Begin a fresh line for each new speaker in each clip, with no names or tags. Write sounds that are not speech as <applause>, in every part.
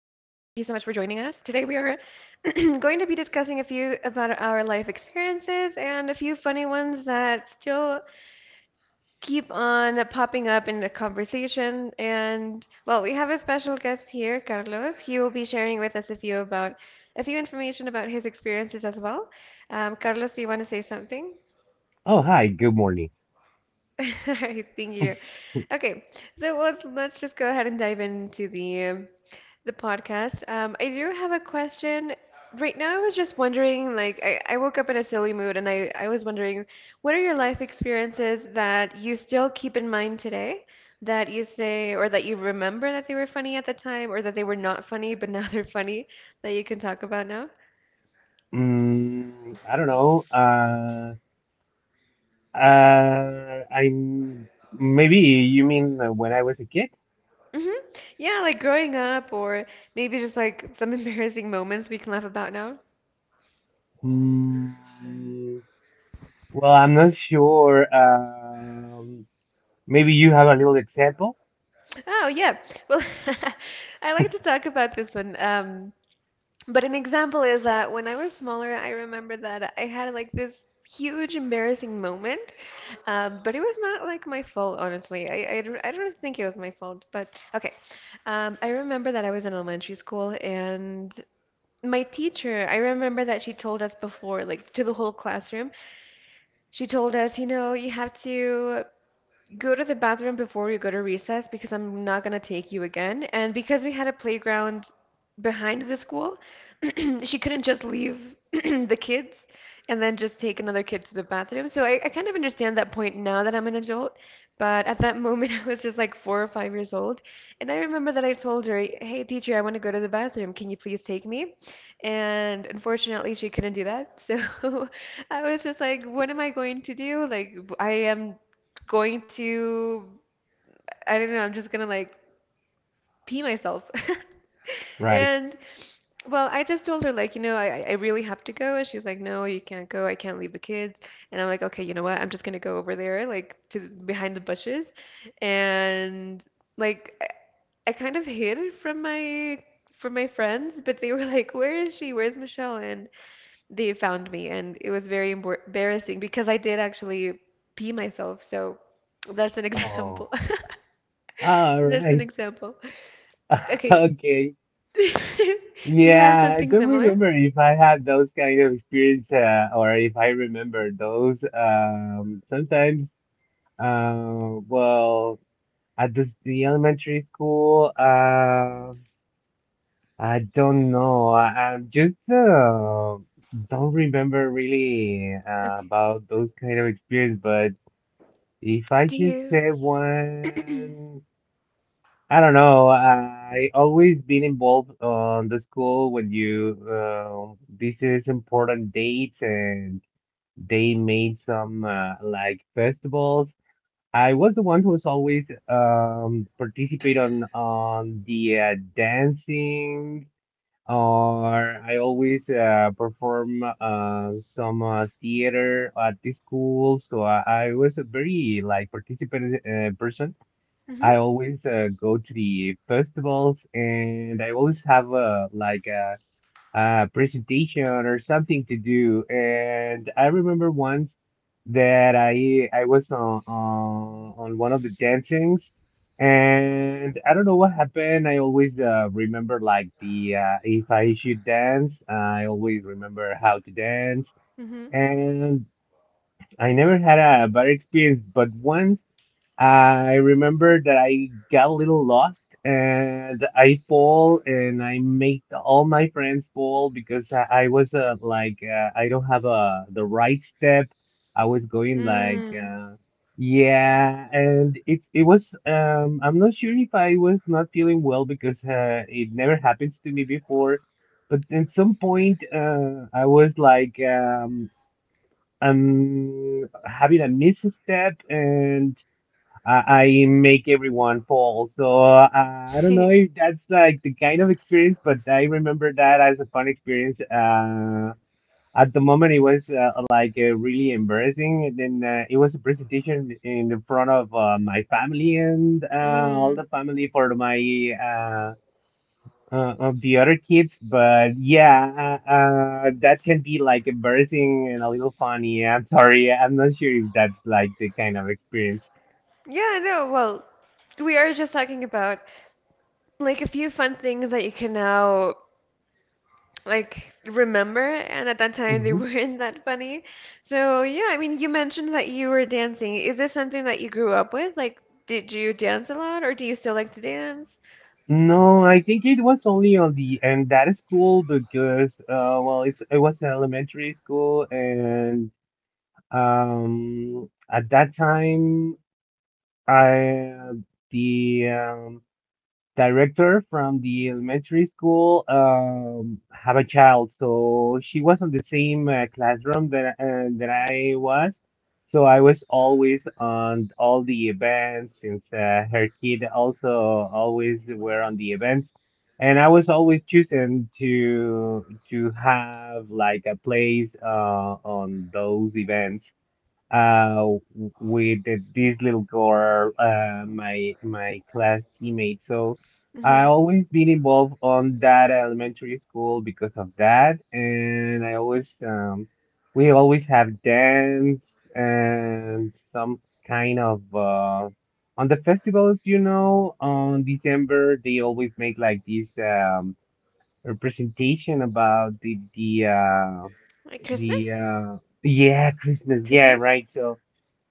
much for joining us. Today we are <clears throat> going to be discussing a few about our life experiences and a few funny ones that still keep on popping up in the conversation. And well, we have a special guest here, Carlos. He will be sharing with us a few about a few information about his experiences as well. Carlos, do you want to say something?
Oh, hi. Good morning.
<laughs> All right, thank you. Okay, so let's just go ahead and dive into the the podcast. I do have a question. Right now, I was just wondering, like, I woke up in a silly mood and I was wondering, what are your life experiences that you still keep in mind today that you say, or that you remember that they were funny at the time, or that they were not funny, but now they're funny that you can talk about now?
I don't know. I'm maybe you mean when I was a kid?
hmm Yeah, like growing up, or maybe just like some <laughs> embarrassing moments we can laugh about now.
Mm, well, I'm not sure. Maybe you have a little example,
Oh, yeah. Well, <laughs> I like to talk about this one. But an example is that when I was smaller, I remember that I had like this huge embarrassing moment, but it was not like my fault, honestly. I don't think it was my fault, but okay. I remember that I was in elementary school and my teacher, I remember that she told us before, like to the whole classroom, she told us, you know, you have to go to the bathroom before you go to recess because I'm not gonna take you again. And because we had a playground behind the school, <clears throat> she couldn't just leave <clears throat> the kids and then just take another kid to the bathroom. So I kind of understand that point now that I'm an adult, but at that moment <laughs> I was just like 4 or 5 years old. And I remember that I told her, "Hey, teacher, I want to go to the bathroom. Can you please take me?" And unfortunately, she couldn't do that. So <laughs> I was just like, "What am I going to do? Like, I am going to, I don't know, I'm just gonna like pee myself." <laughs>
right?
And well, I just told her like, you know, I really have to go. And she's like, "No, you can't go. I can't leave the kids." And I'm like, "Okay, you know what? I'm just gonna go over there, like to behind the bushes," and like I kind of hid from my friends, but they were like, "Where is she? Where's Michelle?" And they found me, and it was very embarrassing because I did actually pee myself. So that's an <laughs> example.
Oh, all
That's an
right.
example.
<laughs>
Okay.
Okay.
<laughs> Do you have
Yeah, I
something
don't
similar?
remember if I had those kind of experience, or if I remember those. Sometimes, well. The elementary school, I don't know. I, I'm just don't remember really
Okay.
about those kind of experience. But if I
Do
should
you?
say
<coughs> <clears throat>
one, I don't know. I always been involved on the school when you this is important dates, and they made some like festivals. I was the one who's always participate on the dancing, or I always perform some theater at the school. So I was a very like participant person.
Mhm.
I always go to the festivals, and I always have like a presentation or something to do. And I remember once that I was on one of the dancings, and I don't know what happened. I always remember like the if I should dance, I always remember how to dance,
Mhm.
and I never had a bad experience. But once I remember that I got a little lost and I fall and I made all my friends fall because I was like I don't have the right step. I was going like
Mm.
yeah, and it was I'm not sure if I was not feeling well because it never happens to me before, but at some point I was like I'm having a misstep, and I make everyone fall. So I don't know
<laughs>
if that's like the kind of experience, but I remember that as a fun experience. At the moment, it was like really embarrassing. And then it was a presentation in the front of my family and all
Mm.
the family for my uh, of the other kids. But yeah, that can be like embarrassing and a little funny. I'm sorry. I'm not sure if that's like the kind of experience.
Yeah, no, well, we are just talking about like a few fun things that you can now like remember, and at that time they <laughs> weren't that funny. So, yeah, I mean, you mentioned that you were dancing. Is this something that you grew up with? Like, did you dance a lot, or do you still like to dance?
No, I think it was only on the end. That is cool because, well, it was an elementary school, and at that time, I the director from the elementary school have a child, so she was on the same classroom that I was. So I was always on all the events since her kid also always were on the events, and I was always choosing to have like a place on those events uh with this little girl, my class teammate, so I
Mhm.
always been involved on that elementary school because of that, and I always we always have dance and some kind of on the festivals, on December they always make like this representation about the the uh
Like
the
Christmas?
uh yeah, Christmas, yeah,
Christmas?
right, so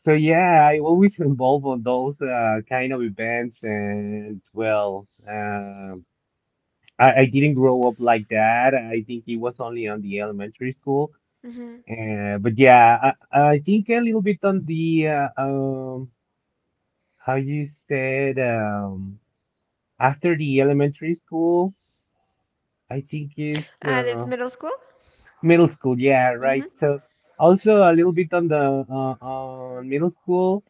so yeah, I always <laughs> involve on those kind of events. And well, I didn't grow up like that. I think it was only on the elementary school, but yeah, I think a little bit on the how you said, after the elementary school, I think is
That's middle school?
middle school, yeah,
hmm
right. So also a little bit on the on middle school,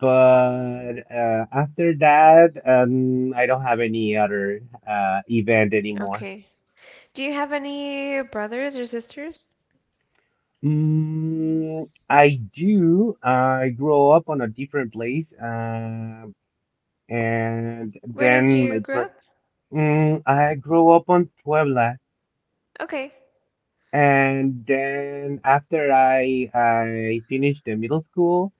but after that, I don't have any other event anymore.
Okay. Do you have any brothers or sisters?
I do. I grow up on a different place, and
Where did
then
you grow up?
I grow up on Puebla,
Okay.
and then after I finished the middle school.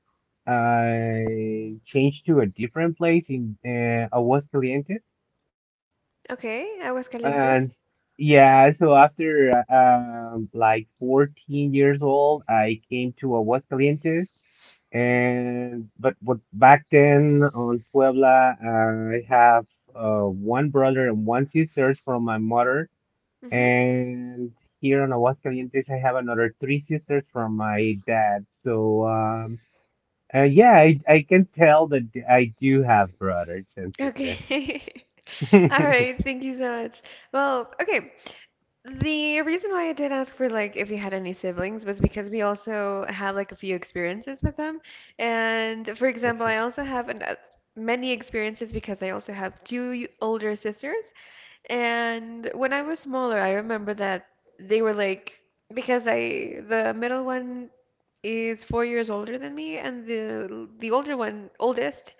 I changed to a different place in Aguascalientes,
Okay,
and
Aguascalientes.
yeah, so after like 14 years old, I came to Aguascalientes. And but back then on Puebla, I have one brother and one sisters from my mother,
Mm-hmm.
and here on Aguascalientes, I have another three sisters from my dad. So. Yeah, I can tell that I do have brothers and sisters.
Okay.
<laughs>
<laughs> All
Okay.
right, thank you so much. Well, okay. The reason why I did ask for like if you had any siblings was because we also had like a few experiences with them. And for example, I also have many experiences because I also have two older sisters. And when I was smaller, I remember that they were like, because I, the middle one is 4 years older than me, and the older one, oldest,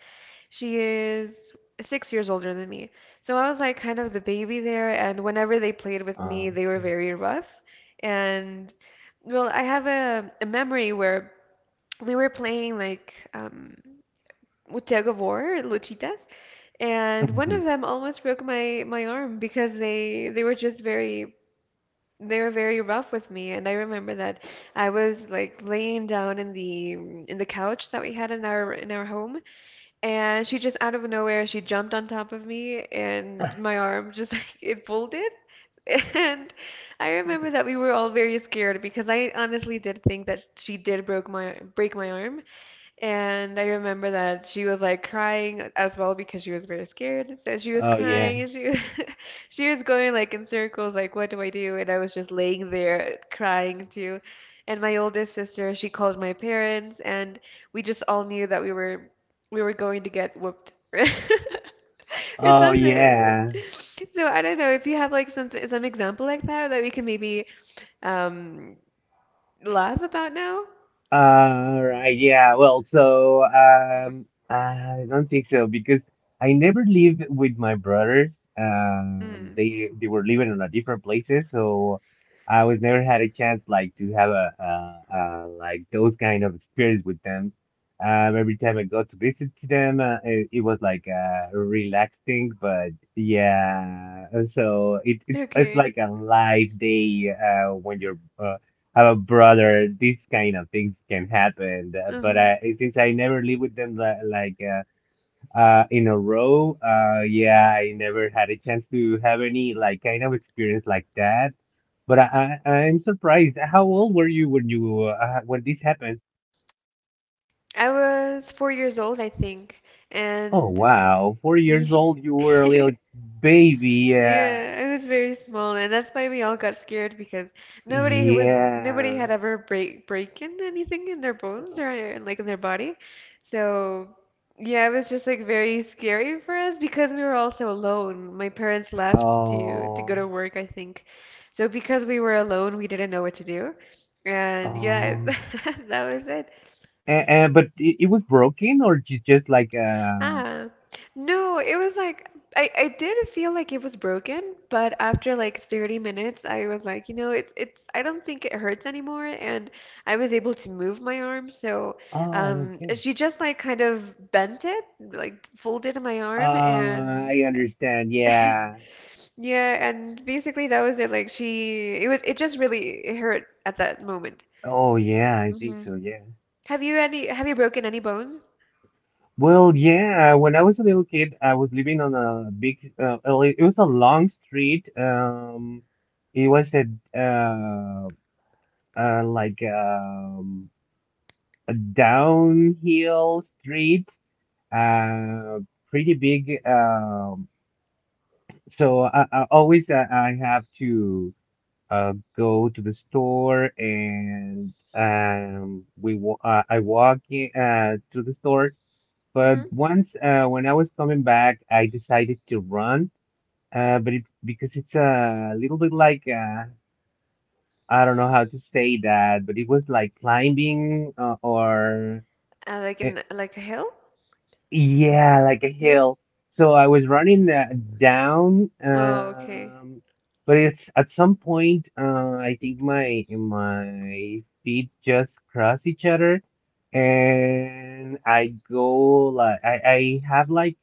she is 6 years older than me. So I was like kind of the baby there, and whenever they played with
Uh,
me, they were
okay.
very rough. And well, I have a memory where we were playing like with tug of war, luchitas, and one of
<laughs>
them almost broke my arm because they were just very they were very rough with me. And I remember that I was like laying down in the couch that we had in our home, and she just out of nowhere she jumped on top of me, and my arm just <laughs> like it folded. And I remember that we were all very scared because I honestly did think that she did broke my break my arm. And I remember that she was like crying as well because she was very scared. So she was
Oh, yeah.
crying and she <laughs> she was going like in circles, like, "What do I do?" And I was just laying there crying too. And my oldest sister, she called my parents and we just all knew that we were going to get whooped. <laughs> Or
Oh,
something like that.
yeah.
So I don't know if you have like some example like that that we can maybe um laugh about now.
Right, yeah. Well, so I don't think so because I never lived with my brothers.
Mm.
They were living in a different places, so I was never had a chance like to have like those kind of experience with them. Every time I go to visit to them, it was like relaxing, but yeah. So it's
Okay.
like a live day when you're have a brother, these kind of things can happen. But
Mm-hmm.
since I never lived with them like in a row, yeah, I never had a chance to have any like kind of experience like that. But I'm surprised. How old were you when this happened?
I was 4 years old, I think,
Oh,
and
wow, 4 years
y-
old. You were a
<laughs>
little baby. Yeah,
yeah, I was very small, and that's why we all got scared because nobody
yeah.
had ever breaken anything in their bones or like in their body, so yeah, it was just like very scary for us because we were all so alone. My parents left to go
Oh,
to work, I think, so because we were alone, we didn't know what to do, and yeah, <laughs>
oh.
that was it.
And but it was broken, or just like.
Ah, no, it was like I did feel like it was broken, but after like 30 minutes, I was like, you know, it's I don't think it hurts anymore, and I was able to move my arm. So,
Oh, okay.
she just like kind of bent it, like folded my arm, and
I understand. Yeah.
<laughs> yeah, and basically that was it. Like she, it was it just really hurt at that moment.
Oh, yeah, I think
hmm
so. Yeah.
Have you broken any bones?
Well, yeah, when I was a little kid, I was living on a big. It was a long street. It was uh, like, a downhill street, uh, pretty big. So I have to go to the store, and we wa I walk in, to the store. But
hmm
once, when I was coming back, I decided to run. But it because it's a little bit like I don't know how to say that, but it was like climbing, or.
Like
uh,
in like a hill?
Yeah, like a
Yeah.
hill. So I was running that down,
Oh, okay.
but it's at some point, I think my feet just cross each other, and I go like I have like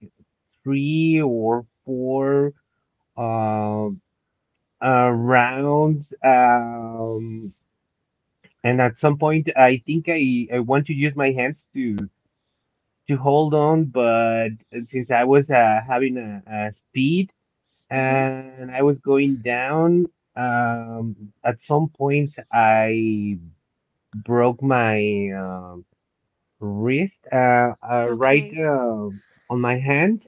three or four um rounds, and at some point I think I want to use my hands to. Hold on, but since I was having a speed,
Mhm.
and I was going down, at some point I broke my wrist, right,
Okay.
on my hand.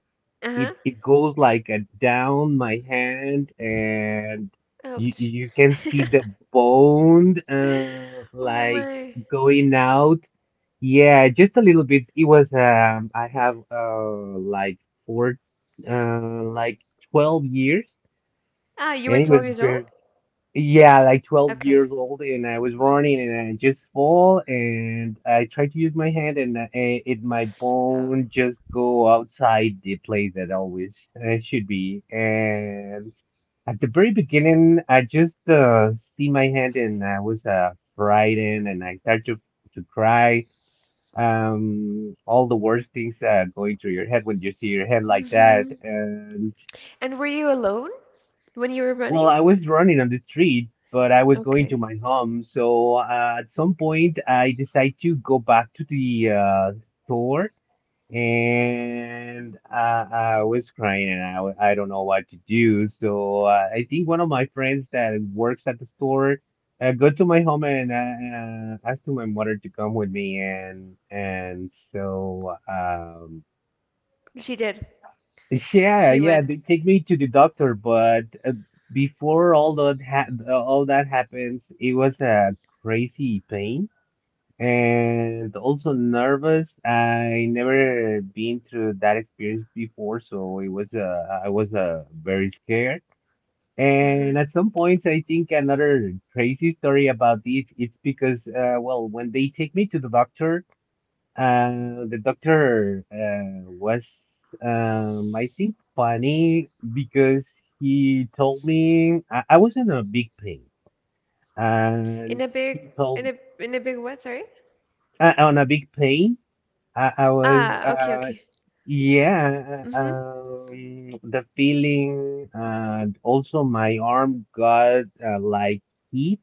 it
Uh-huh.
it goes like a down my hand, and you
Ouch.
you can see the
<laughs>
bone
Oh
like
my.
going out, yeah, just a little bit. It was I have like four like 12 years.
Ah, you were
And it was
12 years old?
very Yeah, like 12
Okay.
years old, and I was running and I just fall, and I tried to use my hand, and eh, it my
Oh.
bone just go outside the place that always it should be. And at the very beginning, I just see my hand, and I was frightened, and I start to cry. All the worst things going through your head when you see your hand like that.
hmm And were you alone when you were
Well,
running?
I was running on the street, but I was going to
Okay.
my home. So at some point, I decided to go back to the store, and I was crying, and I don't know what to do. So I think one of my friends that works at the store got to my home, and asked to my mother to come with me. And so,
She did.
yeah,
She
yeah,
went.
they take me to the doctor, but before all that happens, it was a crazy pain, and also nervous. I never been through that experience before, so it was I was very scared.
Uh-huh.
And at some points, I think another crazy story about this, it's because, well, when they take me to the doctor. The doctor was, I think, funny because he told me I was in a big pain, and
In a big
he
in
told
a big what, sorry?
uh, On a big pain. I was,
Ah, okay, okay.
yeah,
Mm-hmm.
the feeling, and also my arm got like heat.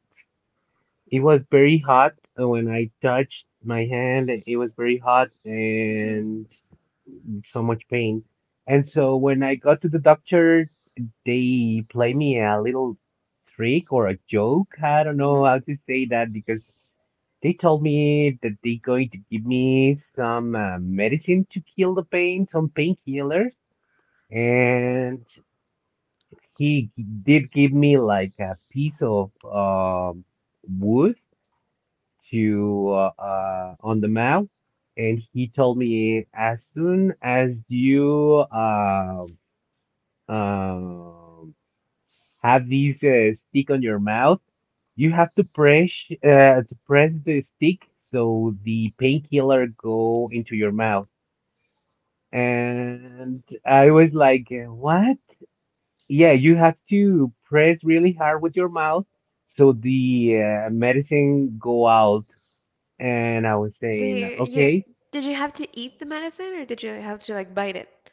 It was very hot when I touched my hand. It was very hot,
Mm-hmm.
and so much pain. And so when I got to the doctor, they played me a little trick or a joke. I don't know
Mm-hmm.
how to say that because they told me that they're going to give me some medicine to kill the pain, some painkillers. And he did give me like a piece of wood, to on the mouth, and he told me, as soon as you um, have this stick on your mouth, you have to press the stick so the painkiller go into your mouth. And I was like, what? Yeah, you have to press really hard with your mouth so the medicine go out. And I was
So you
saying,
you
okay.
did you have to eat the medicine or did you have to like bite it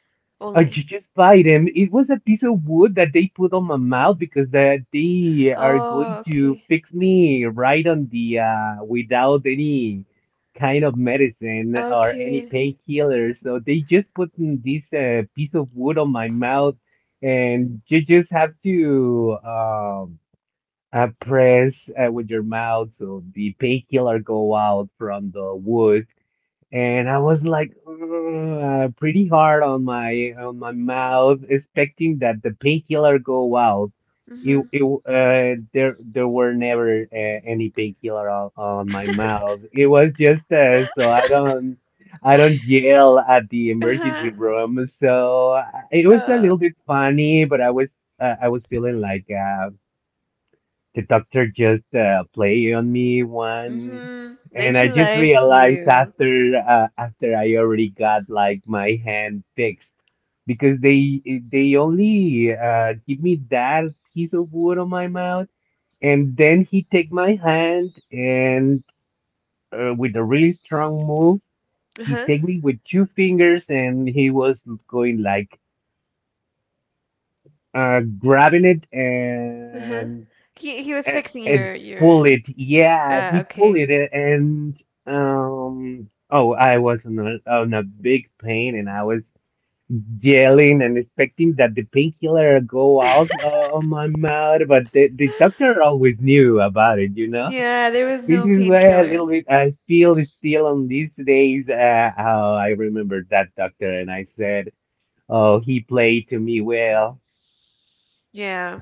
only?
just bite him. It was a piece of wood that they put on my mouth because that they are
Oh,
going to
okay.
fix me right on the without any kind of medicine or any
Okay.
painkillers. So they just put in this piece of wood on my mouth, and you just have to press with your mouth so the painkiller go out from the wood and I was like pretty hard on my mouth, expecting that the painkiller go out. It,
Mm-hmm.
it uh there were never any painkiller on my mouth.
<laughs>
It was just so I don't.
<laughs>
I don't yell at the emergency
Uh-huh.
room. So, it was a
Uh,
little bit funny, but I was feeling like the doctor just played on me one,
mm-hmm. Like
and
he
I just
liked
realized
you.
after after I already got like my hand fixed because they only give me that piece of wood on my mouth, and then he take my hand and, with a really strong move, he
Uh-huh.
take me with two fingers, and he was going like grabbing it
Uh-huh.
and
He he was
and,
fixing
and
your your
pull it. Yeah, he pulled
okay.
it, and, oh, I was on a big pain, and I was yelling and expecting that the painkiller go out on my mouth, but the
<gasps>
doctor always knew about it, you know. <laughs>
Yeah, there was
This
no
is why a
painkiller.
little bit I feel still on these days. How I remember that doctor, and I said, "Oh, he played to me well."
Yeah.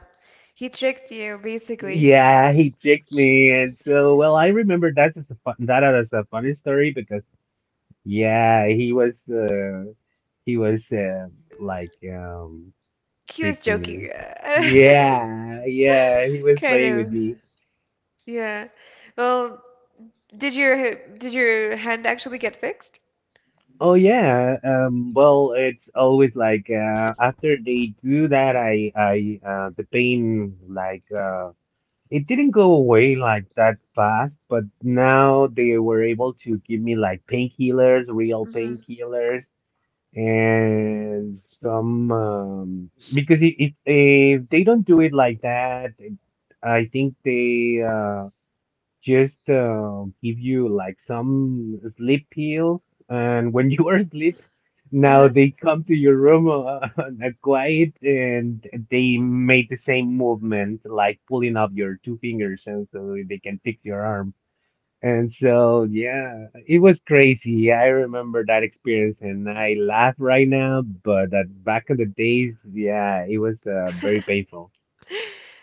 He tricked you basically.
Yeah, he tricks me, and so well, I remember that's just a fun that is a funny story because yeah, he was like um
He was
tricking me.
joking. <laughs>
Yeah, yeah, he was
Kind
playing with
of.
me.
Yeah. Well, did your did your hand actually get fixed?
Oh yeah, well, it's always like after they do that, I the pain like it didn't go away like that fast, but now they were able to give me like painkillers, real
Mm-hmm.
painkillers, and some, because if they don't do it like that, I think they just give you like some sleep pills, and when <laughs> you are asleep, now they come to your room <laughs> on a quiet, and they made the same movement, like pulling up your two fingers, and so they can fix your arm. And so, yeah, it was crazy. I remember that experience, and I laugh right now, but that back in the days, yeah, it was very painful.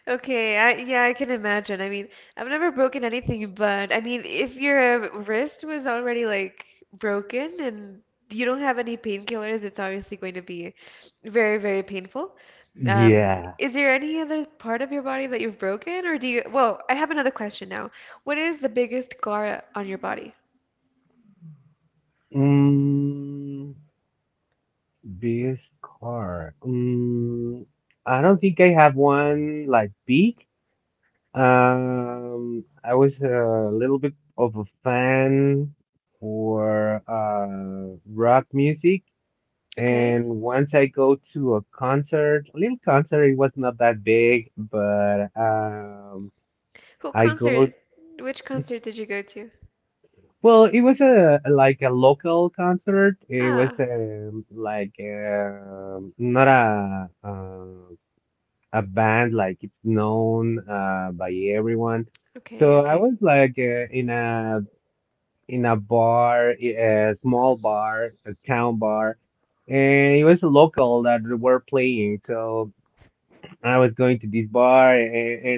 Okay, I yeah, I can imagine. I mean, I've never broken anything, but I mean, if your wrist was already like broken and you don't have any painkillers, it's obviously going to be very, very painful.
Yeah.
Is there any other part of your body that you've broken, or do you? Well, I have another question now. What is the biggest scar on your body?
Mm. Biggest car. Mm, I don't think I have one like big. I was a little bit of a fan for rock music,
Okay,
and once I go to a concert, a little concert, it was not that big, but
who
I go.
concert? Which concert did you go to?
Well, it was a like a local concert. It was
Ah,
not a band like it's known by everyone.
okay,
So I
okay.
was like in a bar, a small bar, a town bar, and it was a local that were playing. So I was going to this bar,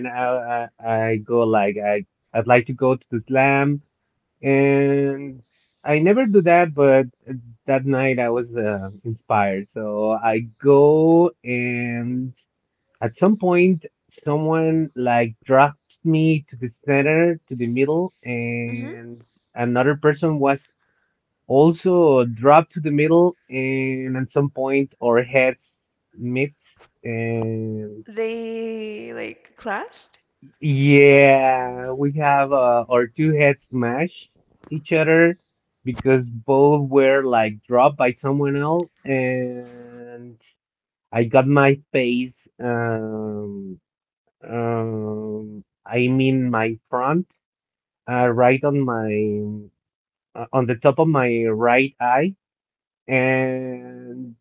and I go like I'd like to go to the slam, and I never do that, but that night I was inspired, so I go and at some point, someone like dropped me to the center, to the middle,
Mm-hmm.
and another person was also dropped to the middle. And at some point, our heads met, and
They like clashed?
yeah, we have our two heads smash each other because both were like dropped by someone else, and I got my face. Um, I mean my front, right on my, on the top of my right eye, and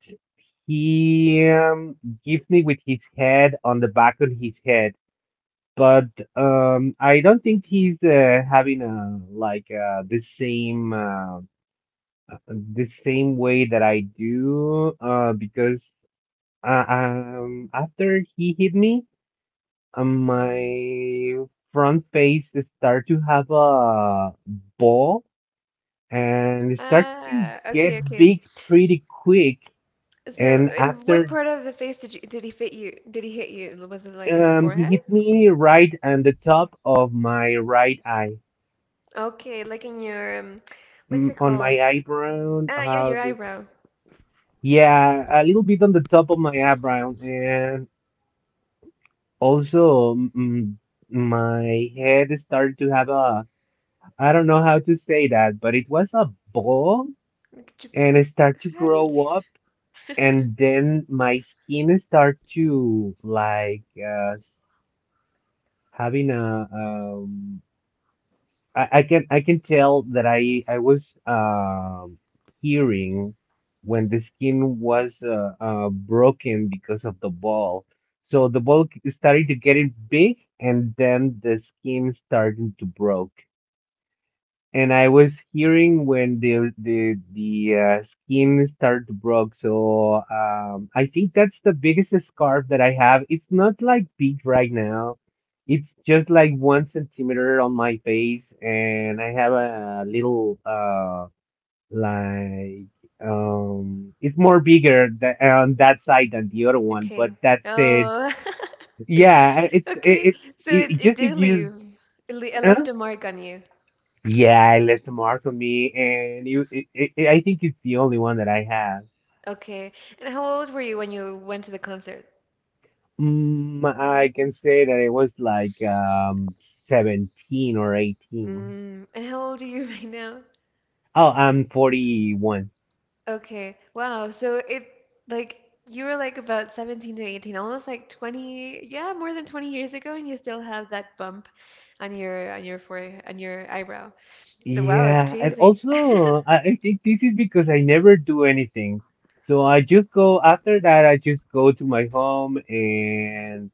he, gives me with his head on the back of his head. But, I don't think he's having a like the same way that I do because after he hit me, my front face start to have a ball and start to
Ah,
get
okay, okay.
big pretty quick.
So,
And
in what
after,
part of the face did you, did he fit you? Did he hit you? Was it like in the
he
forehead?
hit me right on the top of my right eye,
Okay, like in your what's
mm,
it
on my
called?
eyebrow.
Ah, yeah,
How
your
the,
eyebrow.
yeah, a little bit on the top of my eyebrow, and also mm, my head started to have a I don't know how to say that, but it was a ball
Look at
and I start to
how do you?
grow up,
Say that?
and then my skin start to like, having a. I can tell that I was hearing when the skin was broken because of the ball. So the ball started to getting big, and then the skin starting to broke. And I was hearing when the skin started to break. So I think that's the biggest scarf that I have. It's not like big right now. It's just like one centimeter on my face, and I have a little like. It's more bigger tha- on that side than the other
<laughs>
one, but
Okay.
that's it.
Oh. <laughs>
Yeah,
Okay.
it's
So
it,
it
it
it
just if
did
you.
leave. It, le it
Huh?
left a mark on you.
Yeah, it left a mark on me, and you, I think it's the only one that I have.
Okay. And how old were you when you went to the concert?
Mm, I can say that it was like 17 or 18.
Mm. And how old are you <laughs> right now?
Oh, I'm 41.
Okay. Wow. So it like you were like about 17 to 18, almost like 20, yeah, more than 20 years ago and you still have that bump on your forehead, on your eyebrow. So wow, it's
Yeah, and
crazy. <laughs>
also, I think this is because I never do anything. So I just go after that, I just go to my home and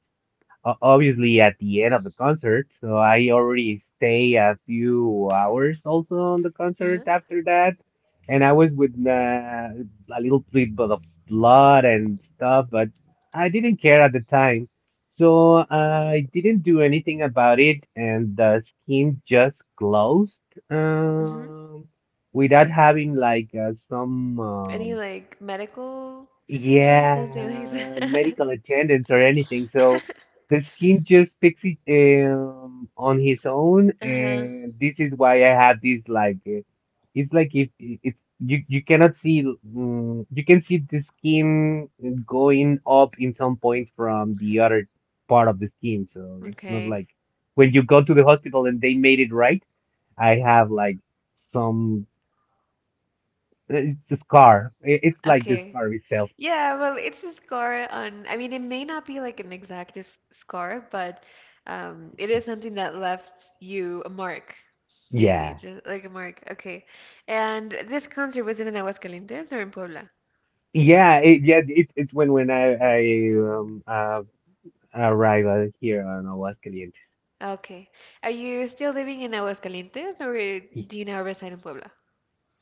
o- obviously at the end of the concert. So I already stay a few hours also on the
Uh-huh.
concert after that, and I was with a little bit of blood and stuff, but I didn't care at the time. So I didn't do anything about it, and the skin just closed,
hmm
um, without having like some
Any like medical procedure or something like
yeah,
that?
medical attendance or anything. So
<laughs>
the skin just picks it on his own,
Uh-huh.
and this is why I have this like it's like if it's you cannot see mm you can see the skin going up in some points from the other part of the skin. So it's not
Okay.
like when you go to the hospital and they made it right. I have like some it's a scar. It's like the
Okay.
scar itself.
Yeah, well, it's a scar on, I mean, it may not be like an exact scar, but it is something that left you a mark, maybe,
Yeah.
just like a mark. Okay. And this concert was it in Aguascalientes or in Puebla?
Yeah, it's when when I arrive out here on Aguascalientes.
Okay. Are you still living in Aguascalientes or
Y-
do you now reside in Puebla?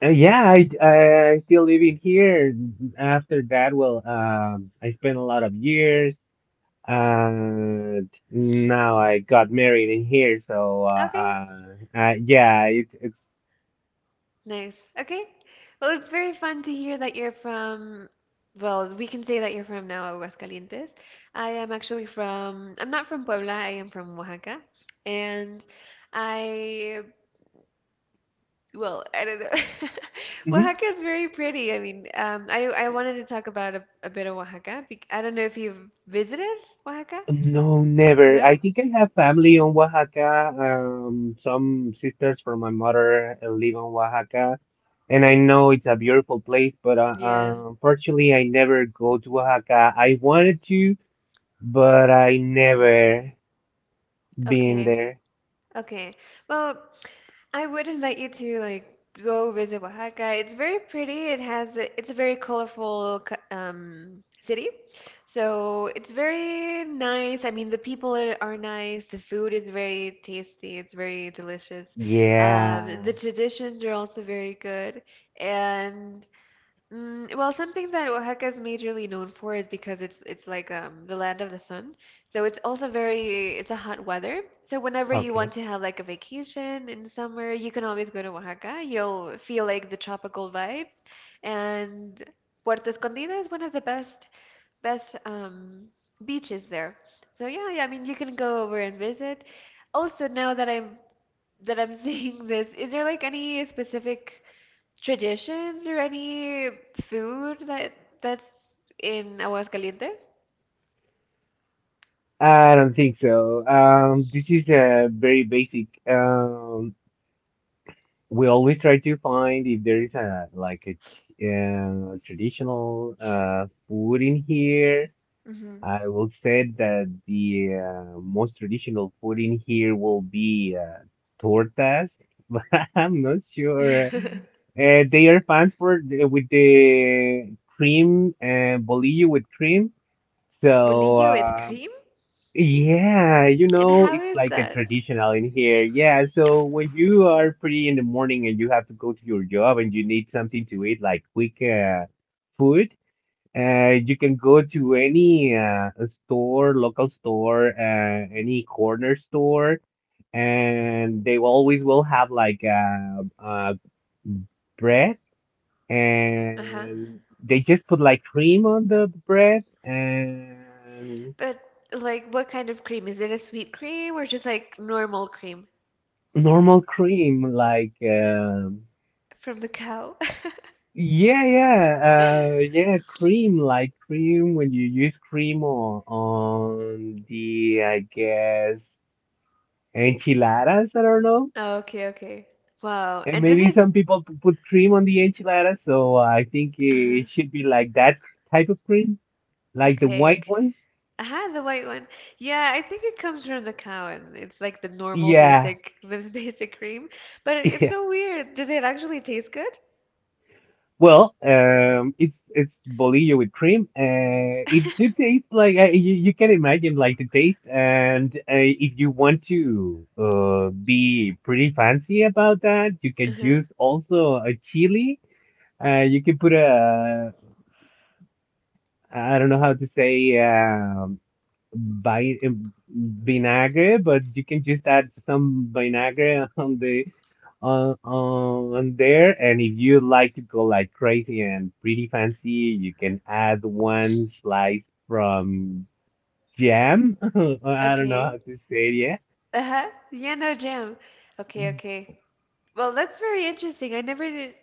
Yeah, I still living here. After that, well, I spent a lot of years, and now I got married in here. So,
Okay.
yeah, it, it's.
Nice. Okay. Well, it's very fun to hear that you're from, well, we can say that you're from now Aguascalientes. I am actually from, I'm not from Puebla, I am from Oaxaca. And I, well, <laughs> I don't know. <laughs>
<laughs>
Oaxaca is very pretty. I mean, I wanted to talk about a bit of Oaxaca. I don't know if you've visited Oaxaca.
No, never. I
No?
think I have family on Oaxaca. Some sisters from my mother live on Oaxaca, and I know it's a beautiful place, but
Yeah.
unfortunately, I never go to Oaxaca. I wanted to, but I never been
Okay.
there.
Okay. Well, I would invite you to like go visit Oaxaca. It's very pretty. It has a, it's a very colorful city. So it's very nice. I mean, the people are nice. The food is very tasty. It's very delicious.
Yeah.
The traditions are also very good. And well, something that Oaxaca is majorly known for is because it's like the land of the sun. So it's also very it's a hot weather. So whenever you
Okay.
want to have like a vacation in the summer, you can always go to Oaxaca. You'll feel like the tropical vibes. And Puerto Escondido is one of the best beaches there. So yeah, yeah, I mean you can go over and visit. Also, now that I'm <laughs> saying this, is there like any specific traditions or any food that that's in Aguascalientes?
I don't think so. This is a very basic. We always try to find if there is a like a t- traditional food in here. I will say that the, most traditional food in here will be tortas, <laughs> but I'm not sure.
Mm-hmm. <laughs>
They are fans for the- with the cream and bolillo with cream. So
Bolillo with cream?
yeah, you
And
know,
how
it's
is
like a
that?
traditional in here. Yeah, so when you are pretty in the morning and you have to go to your job and you need something to eat, like quick food, you can go to any store, local store, any corner store, and they always will have like bread
Uh-huh.
and they just put like cream on the bread and
But like what kind of cream? Is it a sweet cream or just like normal cream
normal cream, like
from the cow? <laughs>
yeah, cream, like cream when you use cream on the, I guess, enchiladas. I don't know,
Okay, okay. Wow.
and
And does
maybe
it?
some people p- put cream on the enchiladas, so I think it
Uh-huh.
should be like that type of cream, like the
Okay,
white
okay.
one.
Ah, the white one. Yeah, I think it comes from the cow and it's like the normal
Yeah.
basic the <laughs> basic cream. But it's so
<laughs>
weird. Does it actually taste good?
Well, it's bolillo with cream. It do
<laughs>
taste like you, you can imagine like the taste, and if you want to be pretty fancy about that, you can
Uh-huh.
use also a chili. You can put a I don't know how to say. By vinagre, but you can just add some vinagre <laughs> on the on there. And if you like to go like crazy and pretty fancy, you can add one slice from jam. <laughs> I don't know
Okay.
how to say it yet.
Uh-huh. Yeah, no jam. Okay, okay. Well, that's very interesting. I never knew,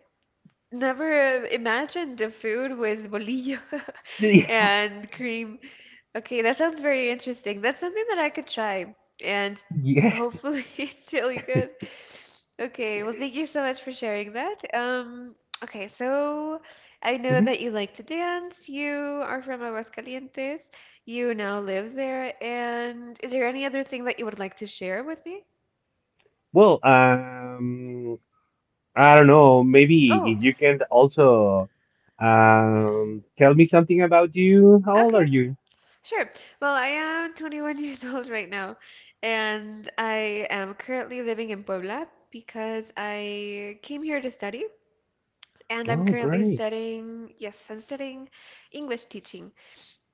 never imagined the food with bolillo <laughs>
Yeah,
and cream. Okay, that sounds very interesting. That's something that I could try, and
<laughs> yeah.
hopefully <laughs> it's really good. Okay, well, thank you so much for sharing that. Okay, so I know
Mhm.
that you like to dance. You are from Aguascalientes. You now live there. And is there any other thing that you would like to share with me?
Well, I don't know. Maybe
Oh,
if you can also tell me something about you. How old are
okay.
you?
Sure. Well, I am 21 <laughs> years old right now, and I am currently living in Puebla because I came here to study, and I'm
Oh,
currently
great.
studying, yes, I'm studying English teaching.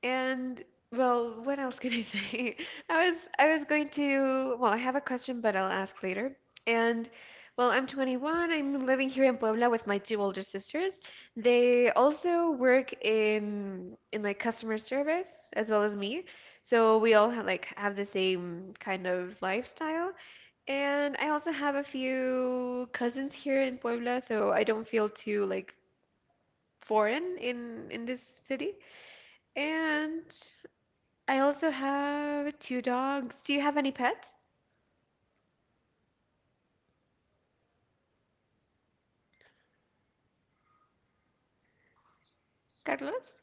And well, what else can I say? <laughs> I was going to, well, I have a question, but I'll ask later. And well, I'm 21. I'm living here in Puebla with my two older sisters. They also work in like customer service as well as me. So we all ha like have the same kind of lifestyle. And I also have a few cousins here in Puebla, so I don't feel too like foreign in this city. And I also have two dogs. Do you have any pets, Carlos?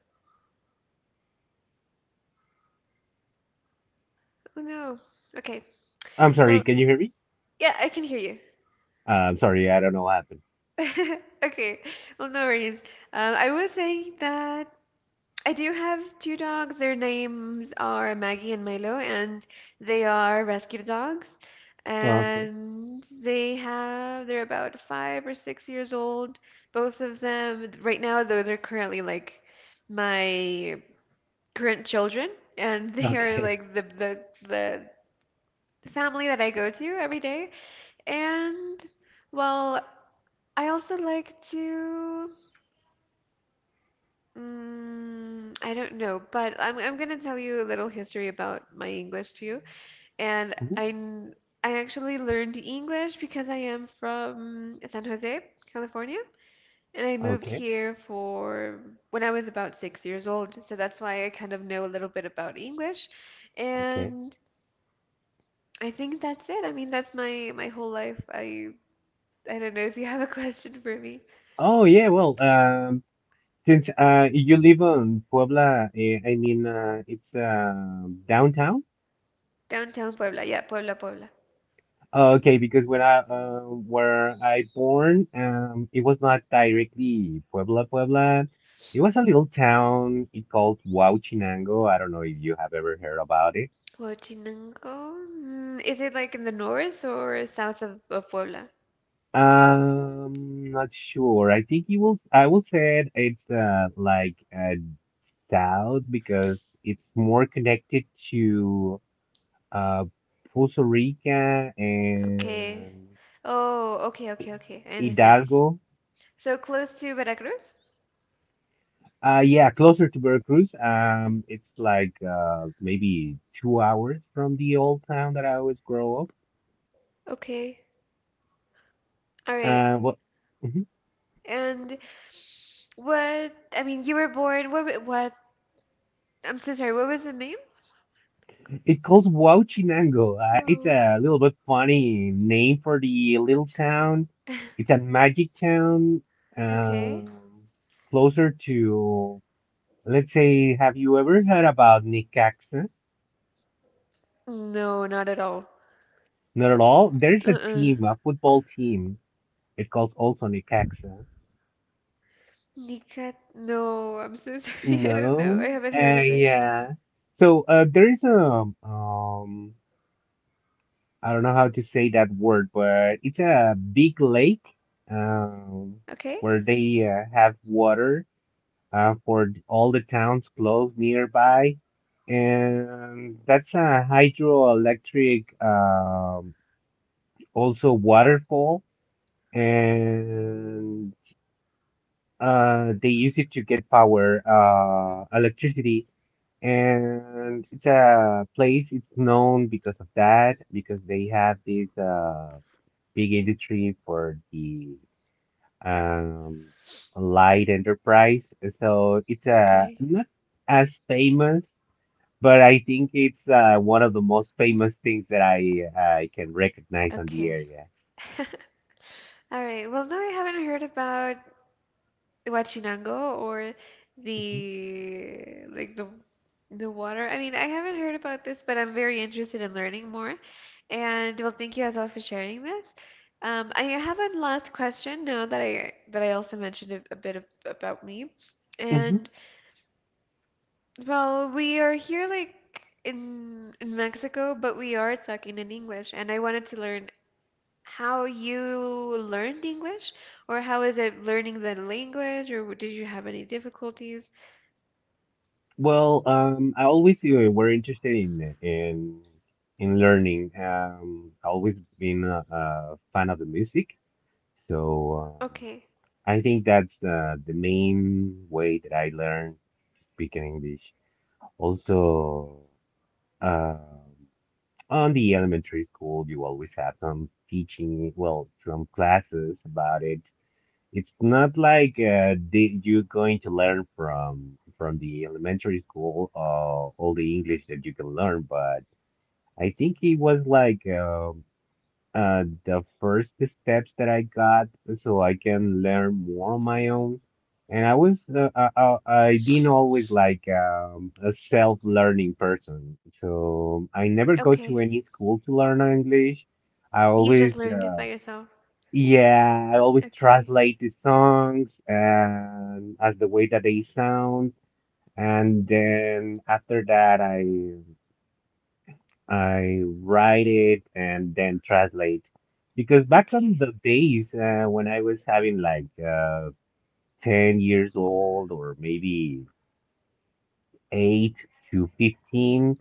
Oh no. Okay.
I'm sorry,
Well,
can you hear me?
yeah, I can hear you.
I'm sorry, I don't know what happened.
<laughs> Okay. Well, no worries. I was saying that I do have two dogs. Their names are Maggie and Milo, and they are rescue dogs.
Okay,
And they're about 5 or 6 years old, both of them. Right now, those are currently like my grandchildren, and <laughs> they are
okay.
like the the family that I go to every day. And well, I also like to I don't know, but I'm gonna tell you a little history about my English too. And
Mhm.
I actually learned English because I am from San Jose, California. And I moved
Okay,
here for when I was about 6 years old, so that's why I kind of know a little bit about English.
okay.
And I think that's it. I mean, that's my whole life. I don't know if you have a question for me.
Oh yeah, well, um, since you live on Puebla, it's downtown.
Downtown Puebla. Yeah, Puebla, Puebla.
Oh, okay, because when I where I born, it was not directly Puebla, Puebla. It was a little town. It called Huauchinango. I don't know if you have ever heard about it.
Huachinango? Is it like in the north or south of Puebla?
Not sure. I think you will. I will say it's like a doubt because it's more connected to uh Puerto Rica
Okay.
and
Oh, okay, okay, okay. I understand.
Hidalgo.
So close to Veracruz?
Yeah, closer to Veracruz. It's like maybe 2 hours from the old town that I always grow up.
Okay. All right.
What?
And what, I mean, you were born, what, I'm so sorry, what was the name?
It calls Huauchinango. It's
Wow.
a little bit funny name for the little town.
<laughs>
It's a magic town,
Okay.
um, closer to, let's say, have you ever heard about Necaxa?
No, not at all.
Not at all. There's a
Uh-uh.
team, a football team. It calls also Necaxa.
Nikat? No, I'm so sorry. <laughs> I don't know. I
No?
haven't heard of it.
Yeah. So there is a I don't know how to say that word, but it's a big lake um,
Okay?
where they have water for all the towns close nearby. And that's a hydroelectric, also waterfall. And they use it to get power, electricity. And it's a place, it's known because of that, because they have this big industry for the um, light enterprise. So it's
Okay.
not as famous, but I think it's one of the most famous things that I can recognize on the
Okay.
area.
<laughs> All right. Well, no, I haven't heard about Huachinango or the like the water. I mean, I haven't heard about this, but I'm very interested in learning more. And well, thank you as well for sharing this. I have a last question now that I also mentioned a bit ab about me.
hmm
And well, we are here like in Mexico, but we are talking in English, and I wanted to learn how you learned English, or how is it learning the language, or did you have any difficulties?
Well, I always were interested in learning. I always been a fan of the music, so um,
Okay,
I think that's the main way that I learn speaking English. Also, um, on the elementary school, you always have some teaching, well, some classes about it. It's not like you're going to learn from the elementary school all the English that you can learn, but I think it was like the first steps that I got so I can learn more on my own. And I was, I been always like a self-learning person. So I never go to
okay.
any school to learn English. I
You just
always,
learned it by yourself.
yeah, I always
Okay,
translate the songs and as the way that they sound. And then after that, I write it and then translate. Because back on
okay.
the days when I was having like 10 years old or maybe 8 to 15,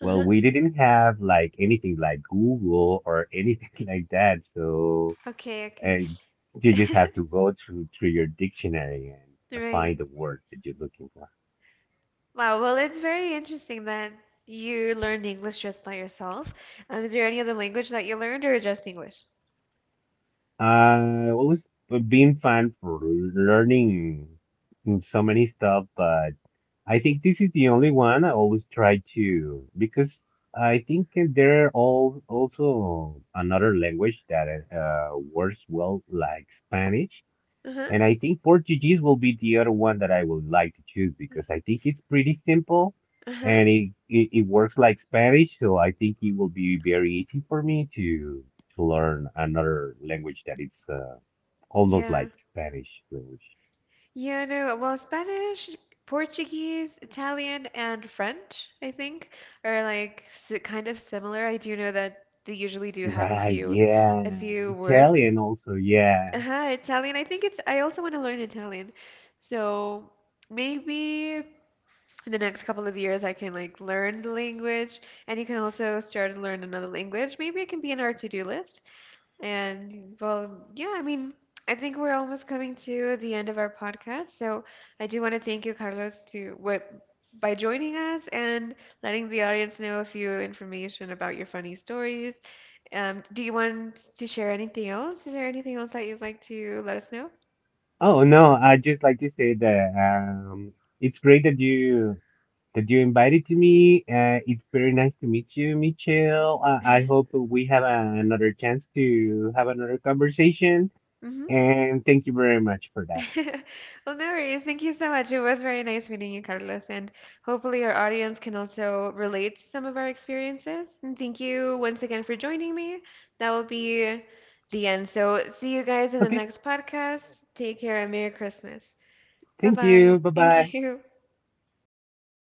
well,
Uh-huh.
we didn't have like anything like Google or anything <laughs> like that. So
Okay, okay.
uh, you just have to
<laughs>
go through your dictionary and
Right.
find the word that you're looking for.
Wow, well, it's very interesting that you learned English just by yourself. Is there any other language that you learned, or just English?
I always been fan for learning so many stuff, but I think this is the only one I always try to because I think there are all also another language that works well like Spanish,
Uh-huh.
and I think Portuguese will be the other one that I would like to choose because I think it's pretty simple
Uh-huh.
and it works like Spanish, so I think it will be very easy for me to learn another language that is almost
Yeah.
like Spanish language.
Yeah, no, well, Spanish, Portuguese, Italian, and French, I think, are like s kind of similar. I do know that they usually do have
Right,
a
yeah.
few words.
Italian also, yeah.
Uh-huh, Italian. I think it's I also want to learn Italian. So, maybe in the next couple of years I can like learn the language and you can also start to learn another language. Maybe it can be in our to-do list. And well, yeah, I mean, I think we're almost coming to the end of our podcast. So I do want to thank you, Carlos, to what by joining us and letting the audience know a few information about your funny stories. Do you want to share anything else? Is there anything else that you'd like to let us know?
Oh no, I just like to say that it's great that you invited to me. It's very nice to meet you, Michelle. I hope we have another chance to have another conversation
Hmm.
and thank you very much for that.
<laughs> Well, no worries. Thank you so much. It was very nice meeting you, Carlos, and hopefully our audience can also relate to some of our experiences. And thank you once again for joining me. That will be the end. So, see you guys in the
Okay,
next podcast. Take care and Merry Christmas. Bye
thank
bye.
you. Bye-bye.
Thank you.